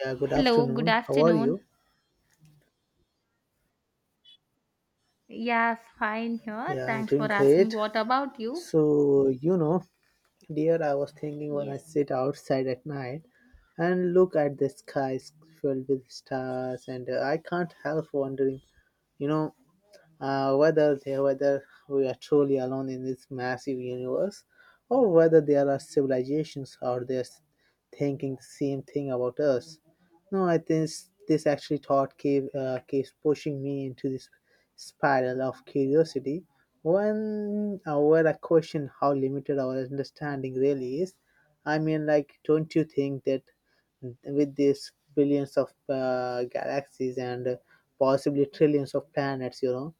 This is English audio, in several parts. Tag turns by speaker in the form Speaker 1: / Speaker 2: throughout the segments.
Speaker 1: Yeah, good
Speaker 2: Hello, good
Speaker 1: afternoon. How are
Speaker 2: afternoon.
Speaker 1: you?
Speaker 2: Yeah, fine here.
Speaker 1: Yeah, I'm
Speaker 2: Thanks
Speaker 1: doing
Speaker 2: for asking.
Speaker 1: great.
Speaker 2: What about you?
Speaker 1: So, you know, dear, I was thinking when I
Speaker 2: Yes.
Speaker 1: sit outside at night and look at the skies filled with stars, and I can't help wondering, you know, whether we are truly alone in this massive universe, or whether there are civilizations out there thinking the same thing about us. No, I think this actually thought keep, keeps pushing me into this spiral of curiosity. When where I question how limited our understanding really is. Don't you think that with these billions of galaxies and possibly trillions of planets, you know,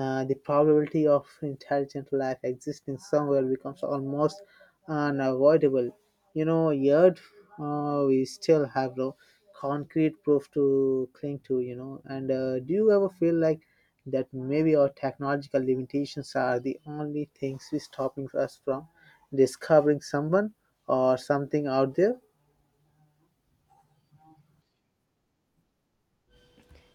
Speaker 1: uh, the probability of intelligent life existing somewhere becomes almost unavoidable. Yet we still have no concrete proof to cling to. And do you ever feel like that maybe our technological limitations are the only things we stopping us from discovering someone or something out there?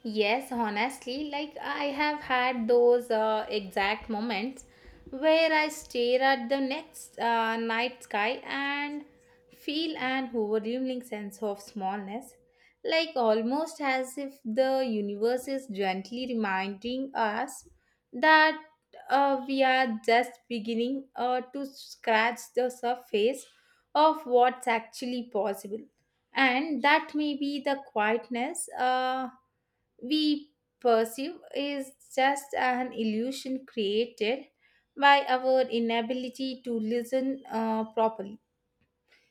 Speaker 2: Yes, honestly, like I have had those exact moments where I stare at the next night sky and feel an overwhelming sense of smallness, like almost as if the universe is gently reminding us that we are just beginning to scratch the surface of what's actually possible, and that may be the quietness we perceive is just an illusion created by our inability to listen properly.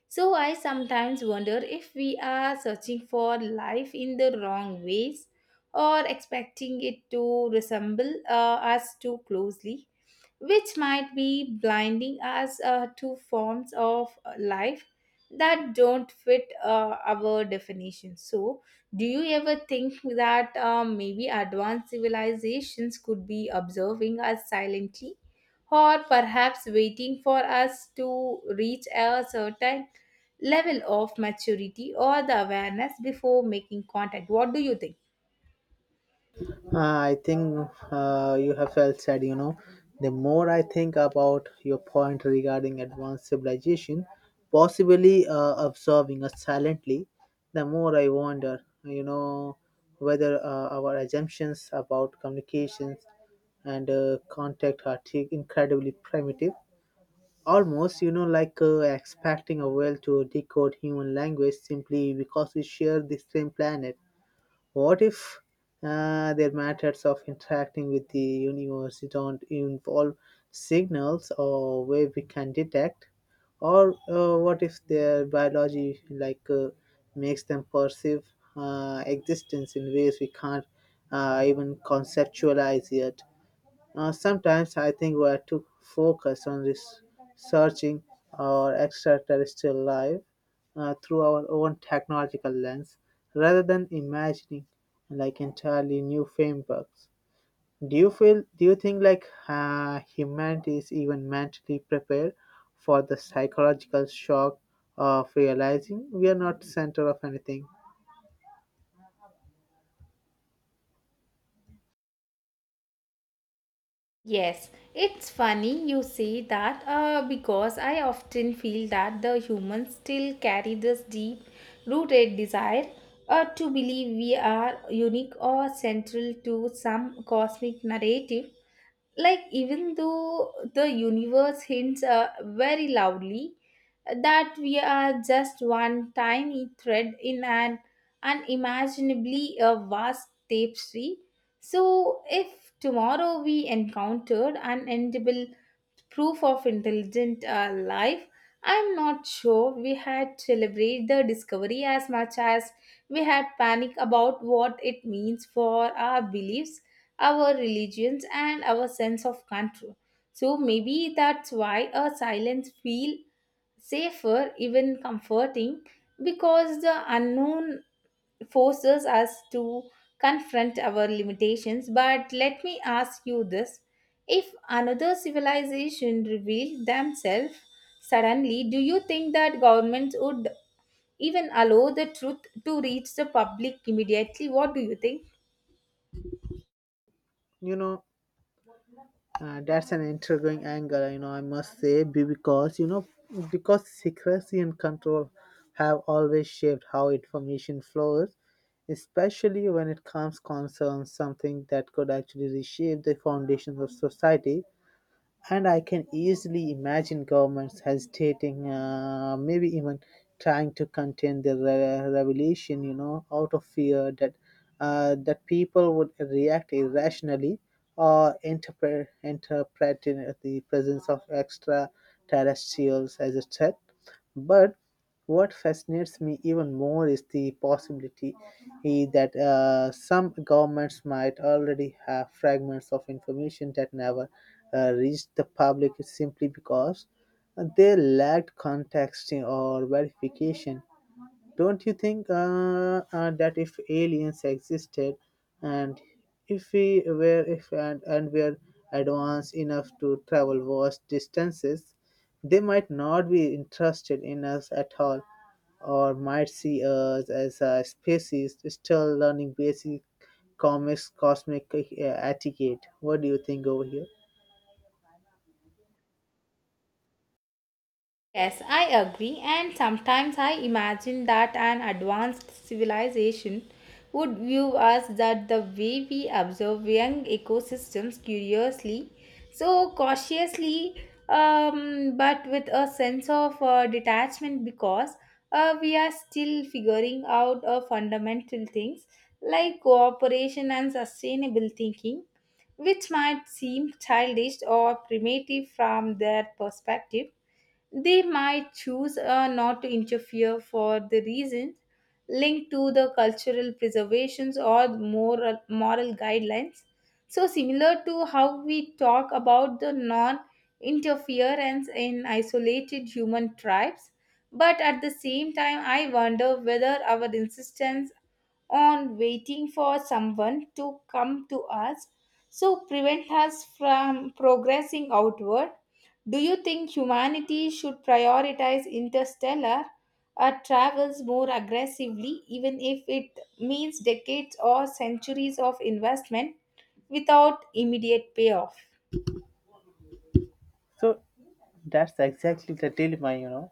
Speaker 2: So, I sometimes wonder if we are searching for life in the wrong ways or expecting it to resemble us too closely, which might be blinding us to forms of life that don't fit our definition. So, do you ever think that maybe advanced civilizations could be observing us silently, or perhaps waiting for us to reach a certain level of maturity or the awareness before making contact? What do you think?
Speaker 1: I think you have well said, you know, the more I think about your point regarding advanced civilization, possibly observing us silently, the more I wonder, you know, whether our assumptions about communications and contact are incredibly primitive. Almost, you know, like expecting a whale to decode human language simply because we share the same planet. What if their methods of interacting with the universe don't involve signals or way we can detect? Or what if their biology like makes them perceive existence in ways we can't even conceptualize yet? Sometimes I think we are too focused on researching our extraterrestrial life through our own technological lens rather than imagining like entirely new frameworks. Do you feel? Do you think like humanity is even mentally prepared for the psychological shock of realizing we are not center of anything?
Speaker 2: Yes, it's funny you say that because I often feel that the humans still carry this deep rooted desire to believe we are unique or central to some cosmic narrative, like even though the universe hints very loudly that we are just one tiny thread in an unimaginably vast tapestry. So if tomorrow we encountered unendable proof of intelligent life, I'm not sure we had celebrated the discovery as much as we had panic about what it means for our beliefs, our religions and our sense of control. So maybe that's why a silence feel safer, even comforting, because the unknown forces us to confront our limitations. But let me ask you this: if another civilization revealed themselves suddenly, do you think that governments would even allow the truth to reach the public immediately? What do you think?
Speaker 1: You know, that's an intriguing angle, you know, I must say, because, you know, because secrecy and control have always shaped how information flows, especially when it comes concerns something that could actually reshape the foundations of society. And I can easily imagine governments hesitating, maybe even trying to contain the revelation, you know, out of fear that that people would react irrationally or interpret in the presence of extraterrestrials as a threat. But what fascinates me even more is the possibility that some governments might already have fragments of information that never reached the public simply because they lacked context or verification. Don't you think that if aliens existed and if we were if and, and were advanced enough to travel vast distances, they might not be interested in us at all or might see us as a species still learning basic comics cosmic etiquette. What do you think over here?
Speaker 2: Yes, I agree, and sometimes I imagine that an advanced civilization would view us that the way we observe young ecosystems curiously, so cautiously, but with a sense of detachment, because we are still figuring out fundamental things like cooperation and sustainable thinking, which might seem childish or primitive from their perspective. They might choose not to interfere for the reasons linked to the cultural preservations or moral guidelines. So, similar to how we talk about the non interference in isolated human tribes, but at the same time, I wonder whether our insistence on waiting for someone to come to us so prevent us from progressing outward. Do you think humanity should prioritize interstellar travels more aggressively, even if it means decades or centuries of investment without immediate payoff?
Speaker 1: So that's exactly the dilemma, you know.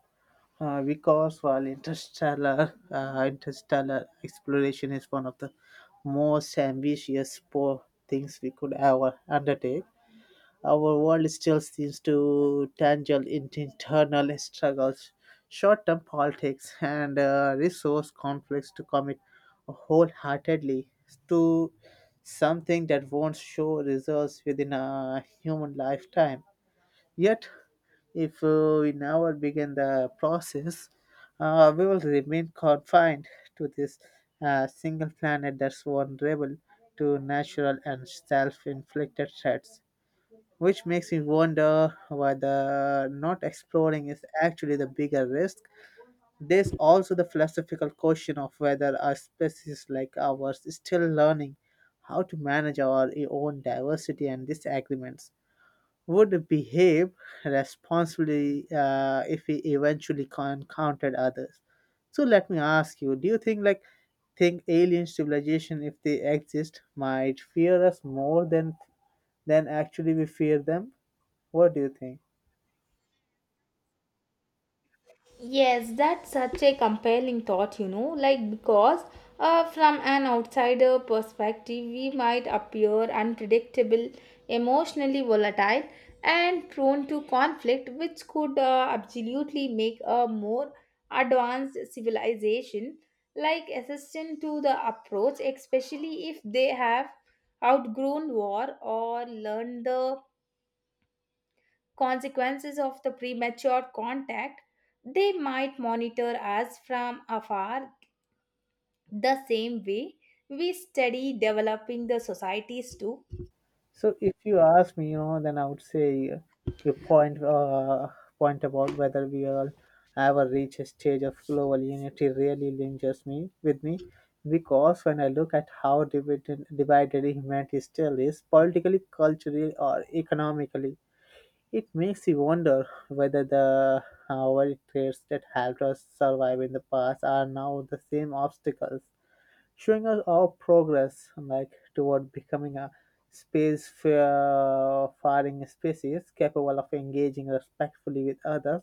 Speaker 1: Because while interstellar exploration is one of the most ambitious things we could ever undertake, our world still seems to tangle into internal struggles, short-term politics, and resource conflicts to commit wholeheartedly to something that won't show results within a human lifetime. Yet, if we never begin the process, we will remain confined to this single planet that's vulnerable to natural and self inflicted threats. Which makes me wonder whether not exploring is actually the bigger risk. There's also the philosophical question of whether a species like ours is still learning how to manage our own diversity and disagreements would behave responsibly if he eventually encountered others. So let me ask you: Do you think like think alien civilization, if they exist, might fear us more than actually we fear them? What do you think?
Speaker 2: Yes, that's such a compelling thought, you know, like because from an outsider perspective, we might appear unpredictable, emotionally volatile, and prone to conflict, which could absolutely make a more advanced civilization like assistant to the approach, especially if they have outgrown war or learned the consequences of the premature contact. They might monitor us from afar the same way we study developing the societies too.
Speaker 1: So if you ask me, you know, then I would say your point point about whether we all ever reach a stage of global unity really lingers me with me because when I look at how divided humanity still is politically, culturally, or economically, it makes you wonder whether the our traits that helped us survive in the past are now the same obstacles showing us our progress like toward becoming a space-faring species capable of engaging respectfully with others.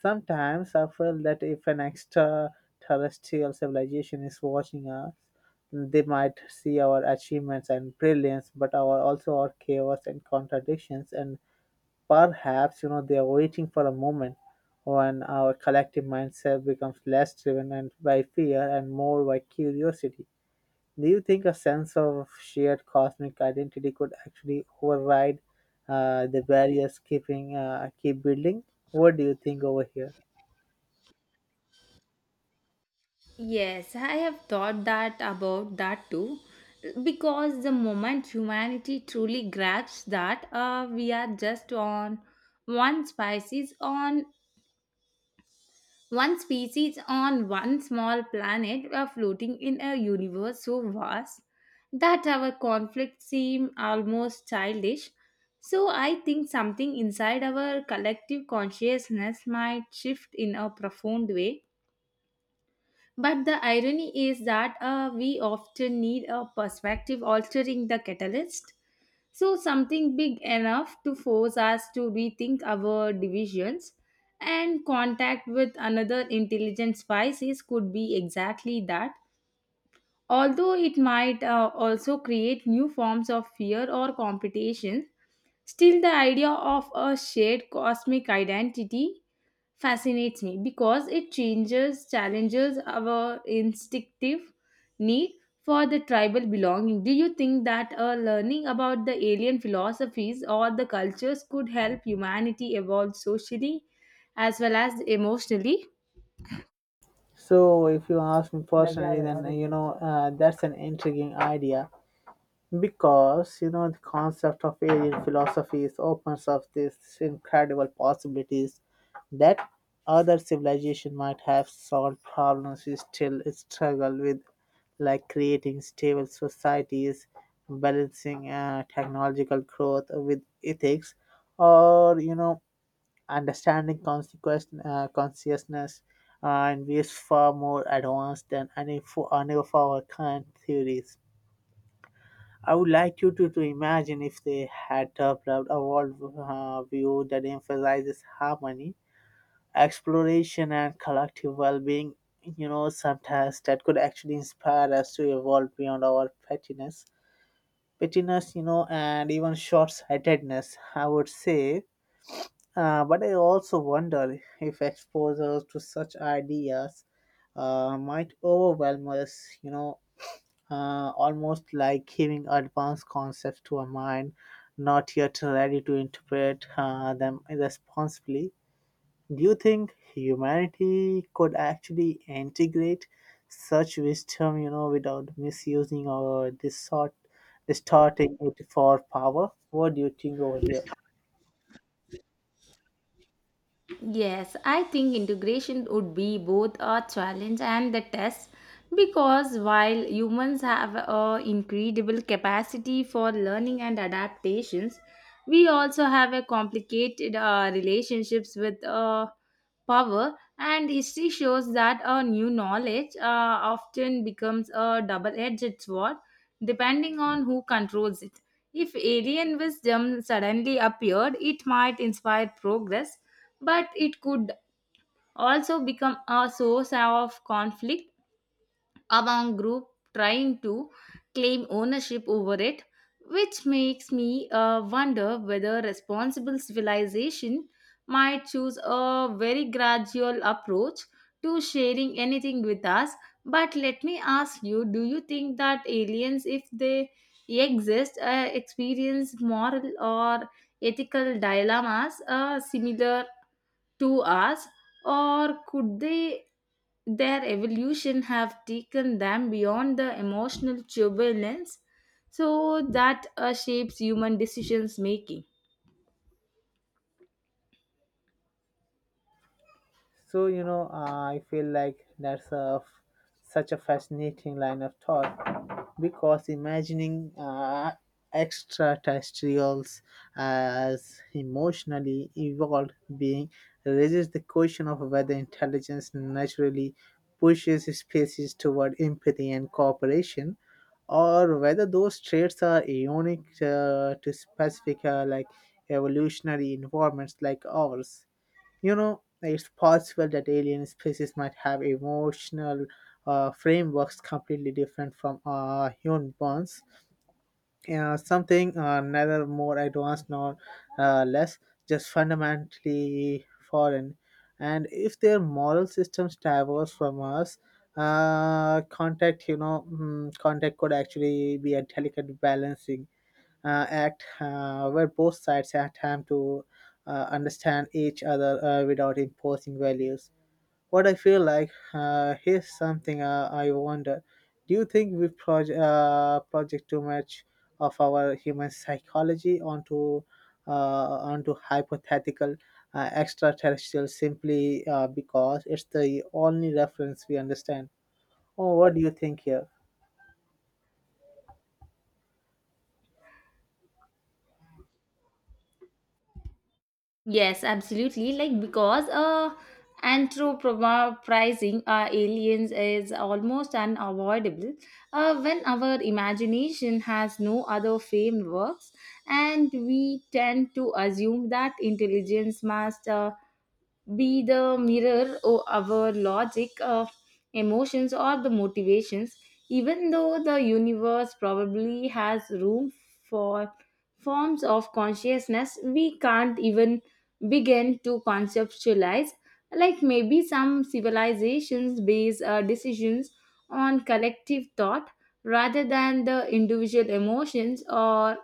Speaker 1: Sometimes I feel that if an extraterrestrial civilization is watching us, they might see our achievements and brilliance, but our also our chaos and contradictions, and perhaps you know they are waiting for a moment when our collective mindset becomes less driven and by fear and more by curiosity. Do you think a sense of shared cosmic identity could actually override the barriers keep building? What do you think over here?
Speaker 2: Yes, I have thought that about that too. Because the moment humanity truly grasps that we are just on one species on one species on one small planet are floating in a universe so vast that our conflicts seem almost childish. So I think something inside our collective consciousness might shift in a profound way. But the irony is that we often need a perspective altering the catalyst. So, something big enough to force us to rethink our divisions, and contact with another intelligent species could be exactly that. Although it might also create new forms of fear or competition, still the idea of a shared cosmic identity fascinates me because it changes challenges our instinctive need for the tribal belonging. Do you think that learning about the alien philosophies or the cultures could help humanity evolve socially as well as emotionally?
Speaker 1: So, if you ask me personally, then that's an intriguing idea. Because you know the concept of alien philosophies opens up these incredible possibilities that other civilization might have solved problems we still struggle with, like creating stable societies, balancing technological growth with ethics, or you know understanding consequence consciousness uh, and is far more advanced than for any of our current theories. I would like to imagine if they had developed a world view that emphasizes harmony, exploration, and collective well being. You know, sometimes that could actually inspire us to evolve beyond our pettiness, you know, and even short sightedness, I would say. But I also wonder if exposure to such ideas might overwhelm us, you know, almost like giving advanced concepts to a mind not yet ready to interpret them responsibly. Do you think humanity could actually integrate such wisdom, you know, without misusing or distorting it for power? What do you think over here?
Speaker 2: Yes, I think integration would be both a challenge and the test, because while humans have a incredible capacity for learning and adaptations, we also have a complicated relationships with power, and history shows that a new knowledge often becomes a double-edged sword depending on who controls it. If alien wisdom suddenly appeared, it might inspire progress, but it could also become a source of conflict among group trying to claim ownership over it, which makes me wonder whether responsible civilization might choose a very gradual approach to sharing anything with us. But let me ask you, do you think that aliens, if they exist, experience moral or ethical dilemmas similar to us, or could they their evolution have taken them beyond the emotional turbulence so that shapes human decisions making?
Speaker 1: So, you know, I feel like that's a such a fascinating line of thought because imagining extraterrestrials as emotionally evolved being raises the question of whether intelligence naturally pushes species toward empathy and cooperation, or whether those traits are ionic to specific evolutionary environments like ours. You know, it's possible that alien species might have emotional frameworks completely different from human ones. Something neither more advanced nor less, just fundamentally foreign. And if their moral systems diverge from us, contact, you know, mm, contact could actually be a delicate balancing act where both sides had time to understand each other without imposing values. What I feel like here's something I wonder: Do you think we project too much of our human psychology onto onto hypothetical extraterrestrial simply because it's the only reference we understand? Oh, what do you think here?
Speaker 2: Yes, absolutely. Like because anthropomorphizing our aliens is almost unavoidable when our imagination has no other frameworks, and we tend to assume that intelligence must be the mirror of our logic, emotions, or the motivations, even though the universe probably has room for forms of consciousness we can't even begin to conceptualize. Like maybe some civilizations base decisions on collective thought rather than the individual emotions, or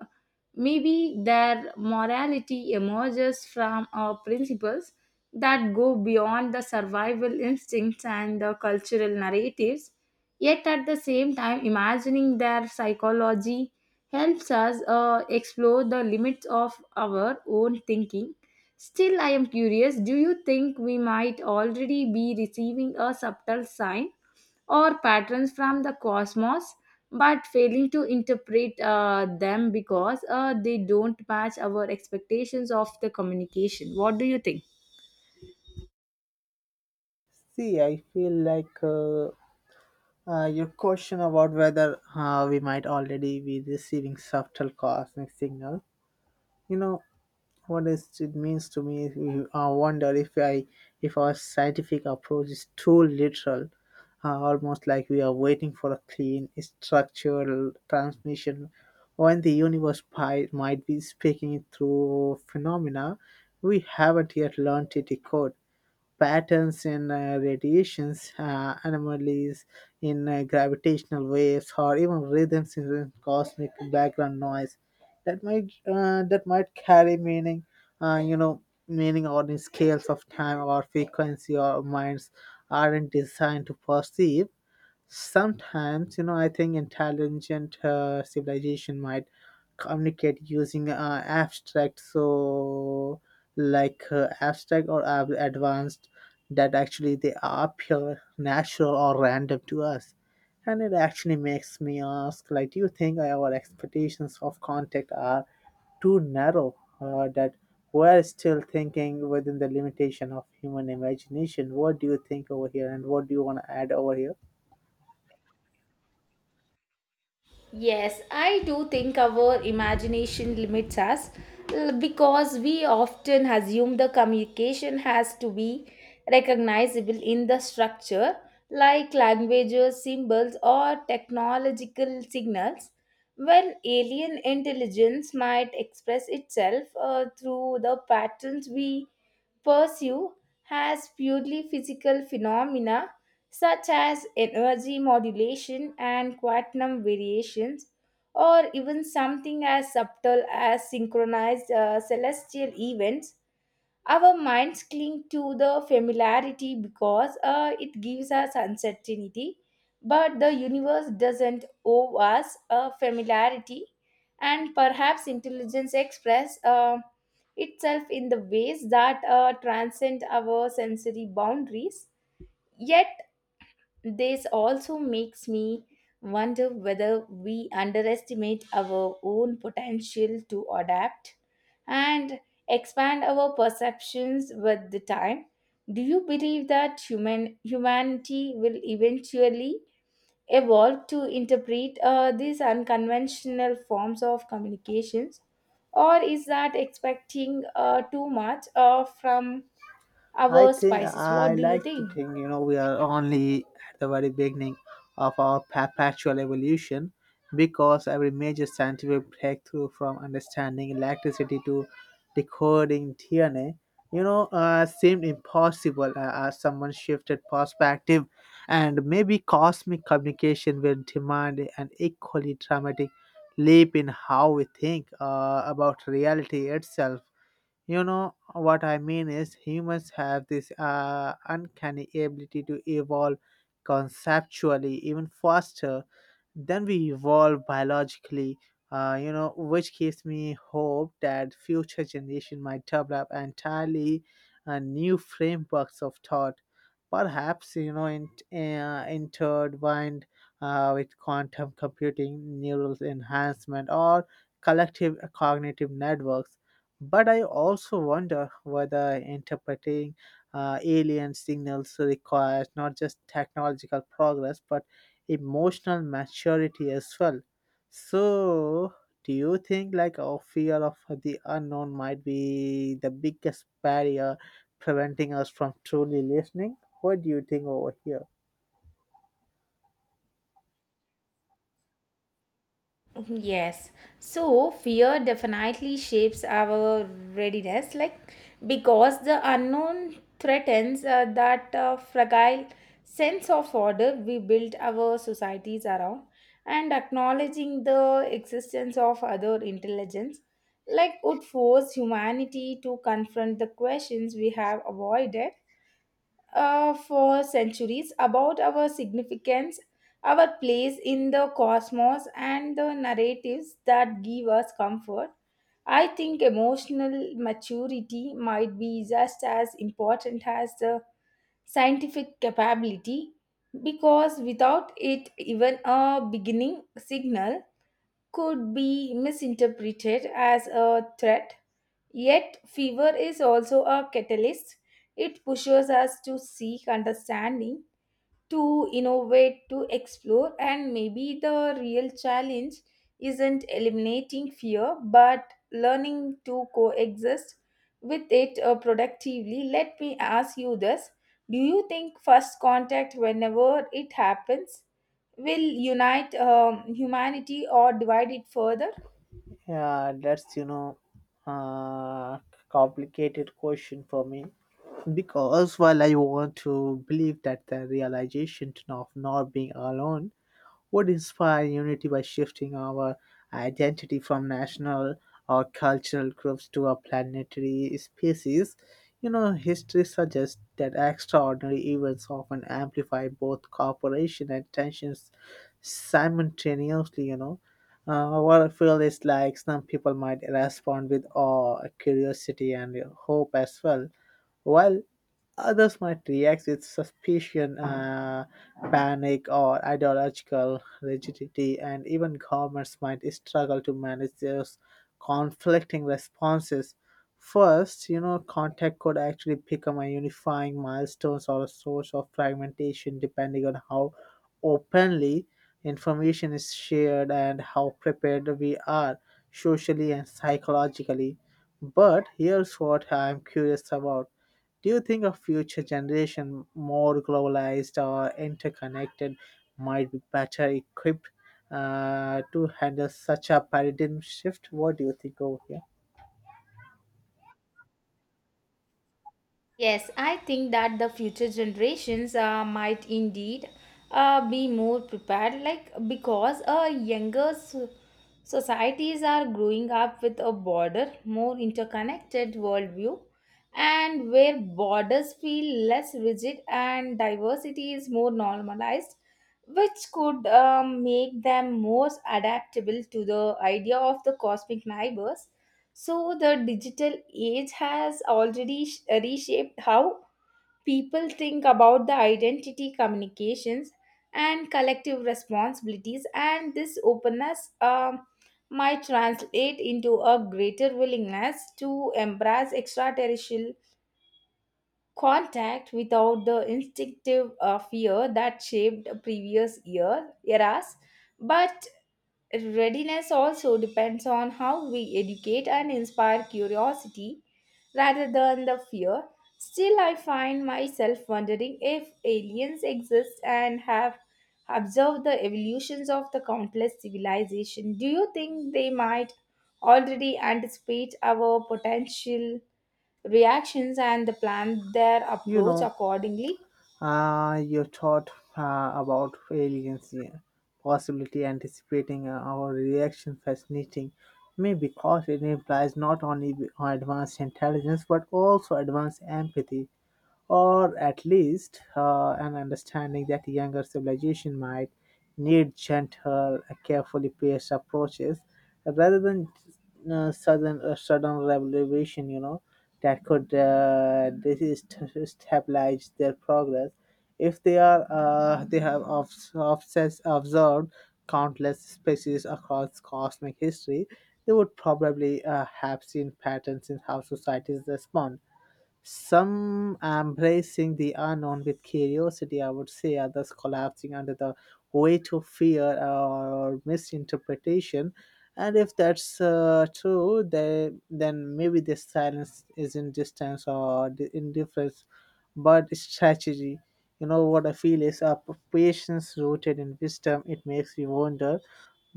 Speaker 2: maybe their morality emerges from our principles that go beyond the survival instincts and the cultural narratives. Yet at the same time, imagining their psychology helps us explore the limits of our own thinking. Still, I am curious, do you think we might already be receiving a subtle sign or patterns from the cosmos, but failing to interpret them because they don't match our expectations of the communication? What do you think?
Speaker 1: See, I feel like your question about whether we might already be receiving subtle cosmic signal, you know, what is it means to me? Is I wonder if our scientific approach is too literal, almost like we are waiting for a clean structural transmission, when the universe might be speaking it through phenomena we haven't yet learned to decode, patterns in radiations, anomalies in gravitational waves, or even rhythms in cosmic background noise that might carry meaning, uh, you know, meaning on the scales of time or frequency our minds aren't designed to perceive. Sometimes, you know, I think intelligent civilization might communicate using abstract, so like abstract or advanced, that actually they appear natural or random to us. And it actually makes me ask, like, do you think our expectations of contact are too narrow, that we're still thinking within the limitation of human imagination. What do you think over here, and what do you want to add over here?
Speaker 2: Yes, I do think our imagination limits us because we often assume the communication has to be recognizable in the structure, like languages, symbols, or technological signals, when alien intelligence might express itself through the patterns we pursue as purely physical phenomena such as energy modulation and quantum variations, or even something as subtle as synchronized celestial events. Our minds cling to the familiarity because it gives us uncertainty. But the universe doesn't owe us a familiarity, and perhaps intelligence express itself in the ways that transcend our sensory boundaries. Yet this also makes me wonder whether we underestimate our own potential to adapt and expand our perceptions with the time. Do you believe that human humanity will eventually evolve to interpret these unconventional forms of communications, or is that expecting too much from
Speaker 1: I
Speaker 2: our
Speaker 1: think
Speaker 2: spices?
Speaker 1: I
Speaker 2: What do you
Speaker 1: like to
Speaker 2: think?
Speaker 1: think you know we are only at the very beginning of our perpetual evolution, because every major scientific breakthrough, from understanding electricity to decoding DNA, you know seemed impossible as someone shifted perspective. And maybe cosmic communication will demand an equally dramatic leap in how we think about reality itself. You know what I mean is humans have this uncanny ability to evolve conceptually even faster then we evolve biologically, you know, which gives me hope that future generation might develop entirely new frameworks of thought, perhaps you know intertwined with quantum computing, neural enhancement, or collective cognitive networks. But I also wonder whether interpreting alien signals requires not just technological progress but emotional maturity as well. So, do you think like our fear of the unknown might be the biggest barrier preventing us from truly listening? What do you think over here?
Speaker 2: Mm-hmm. Yes. So fear definitely shapes our readiness, like because the unknown threatens that fragile sense of order we build our societies around, and acknowledging the existence of other intelligence, like would force humanity to confront the questions we have avoided for centuries about our significance, our place in the cosmos, and the narratives that give us comfort. I think emotional maturity might be just as important as the scientific capability, because without it, even a beginning signal could be misinterpreted as a threat. Yet, fever is also a catalyst. It pushes us to seek understanding, to innovate, to explore, and maybe the real challenge isn't eliminating fear but learning to coexist with it productively. Let me ask you this: do you think first contact, whenever it happens, will unite humanity or divide it further?
Speaker 1: Yeah, that's uh, complicated question for me because while I want to believe that the realization of not being alone would inspire unity by shifting our identity from national or cultural groups to a planetary species. You know, history suggests that extraordinary events often amplify both cooperation and tensions simultaneously, What I feel is like some people might respond with awe, curiosity, and hope as well, while others might react with suspicion, panic, or ideological rigidity, and even governments might struggle to manage those conflicting responses. First, you know, contact could actually become a unifying milestone or a source of fragmentation depending on how openly information is shared and how prepared we are socially and psychologically. But here's what I'm curious about, do you think a future generation more globalized or interconnected might be better equipped to handle such a paradigm shift? What do you think over here?
Speaker 2: Yes, I think that the future generations might indeed be more prepared, like because younger societies are growing up with a broader, more interconnected worldview, and where borders feel less rigid and diversity is more normalized, which could make them more adaptable to the idea of the cosmic neighbors. So the digital age has already reshaped how people think about the identity communications and collective responsibilities, and this openness might translate into a greater willingness to embrace extraterrestrial contact without the instinctive fear that shaped previous year eras. But readiness also depends on how we educate and inspire curiosity rather than the fear. Still, I find myself wondering, if aliens exist and have observed the evolutions of the countless civilization, do you think they might already anticipate our potential reactions and plan their
Speaker 1: You
Speaker 2: approach
Speaker 1: know,
Speaker 2: accordingly?
Speaker 1: you thought about aliens, yeah, possibility anticipating our reaction fascinating me because it implies not only advanced intelligence but also advanced empathy or at least an understanding that younger civilization might need gentle, carefully paced approaches rather than sudden revelation. You know, that could destabilize their progress if they have observed countless species across cosmic history. They would probably have seen patterns in how societies respond, some embracing the unknown with curiosity, I would say, others collapsing under the weight of fear or misinterpretation. And if that's true, then maybe the silence isn't distance or the indifference, but strategy. You know what I feel is a patience rooted in wisdom. It makes me wonder,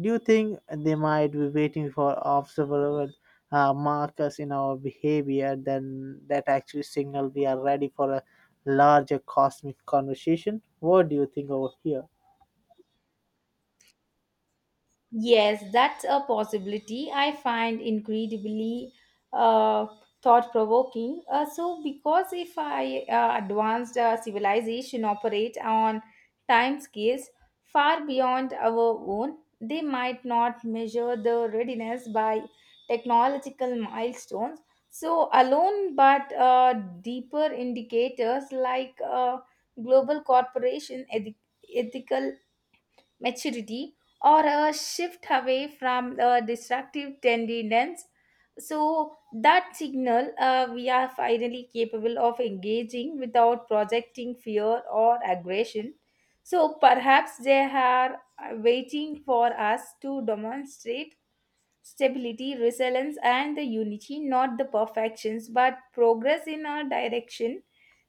Speaker 1: do you think they might be waiting for observable markers in our behavior then that actually signal we are ready for a larger cosmic conversation? What do you think over here?
Speaker 2: Yes, that's a possibility I find incredibly uh, thought provoking. So, because if I advanced civilization operate on time scales far beyond our own, they might not measure the readiness by technological milestones. So, alone, but deeper indicators like global corporation ethical maturity, or a shift away from the destructive tenderness, so that signal we are finally capable of engaging without projecting fear or aggression. So perhaps they are waiting for us to demonstrate stability, resilience and the unity, not the perfections but progress in a direction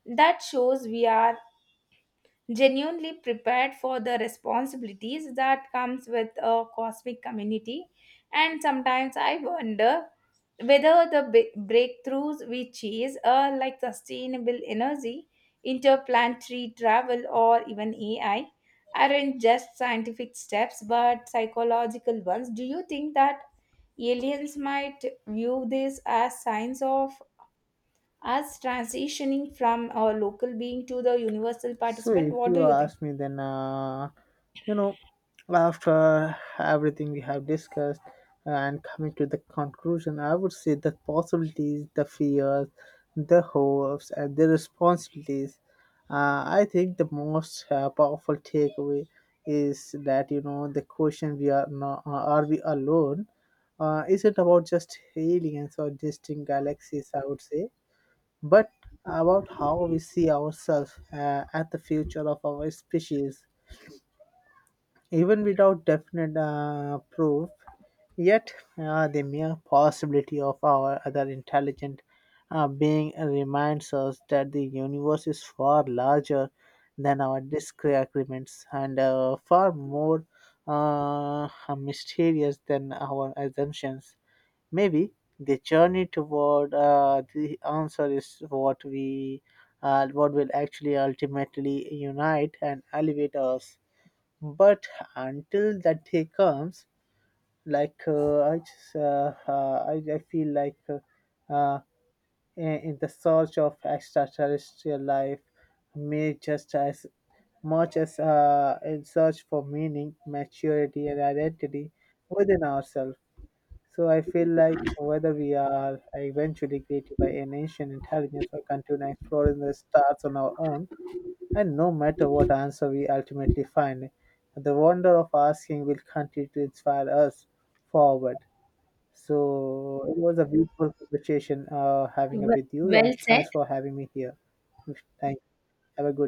Speaker 2: that shows we are genuinely prepared for the responsibilities that comes with a cosmic community. And sometimes I wonder whether the breakthroughs we chase are like sustainable energy, interplanetary travel or even AI aren't just scientific steps but psychological ones. Do you think that aliens might view this as signs of us transitioning from a local being to the universal
Speaker 1: So
Speaker 2: participant?
Speaker 1: if
Speaker 2: What do
Speaker 1: you
Speaker 2: you think?
Speaker 1: ask me, then you know, after everything we have discussed and coming to the conclusion, I would say the possibilities, the fears, the hopes, and the responsibilities. I think the most powerful takeaway is that you know the question we are not, are we alone? Is it about just aliens or distant galaxies? I would say, but about how we see ourselves at the future of our species, even without definite proof. Yet, the mere possibility of our other intelligent being reminds us that the universe is far larger than our disagreements and far more uh, mysterious than our assumptions. Maybe the journey toward the answer is what will actually ultimately unite and elevate us. But until that day comes, I just I feel like in the search of extraterrestrial life may just as much as in search for meaning, maturity, and identity within ourselves. So I feel like whether we are eventually created by an ancient intelligence or continue exploring the stars on our own, and no matter what answer we ultimately find, the wonder of asking will continue to inspire us forward. So it was a beautiful conversation having it
Speaker 2: Well,
Speaker 1: with you, and thanks for having me here. Thank. Have a good day.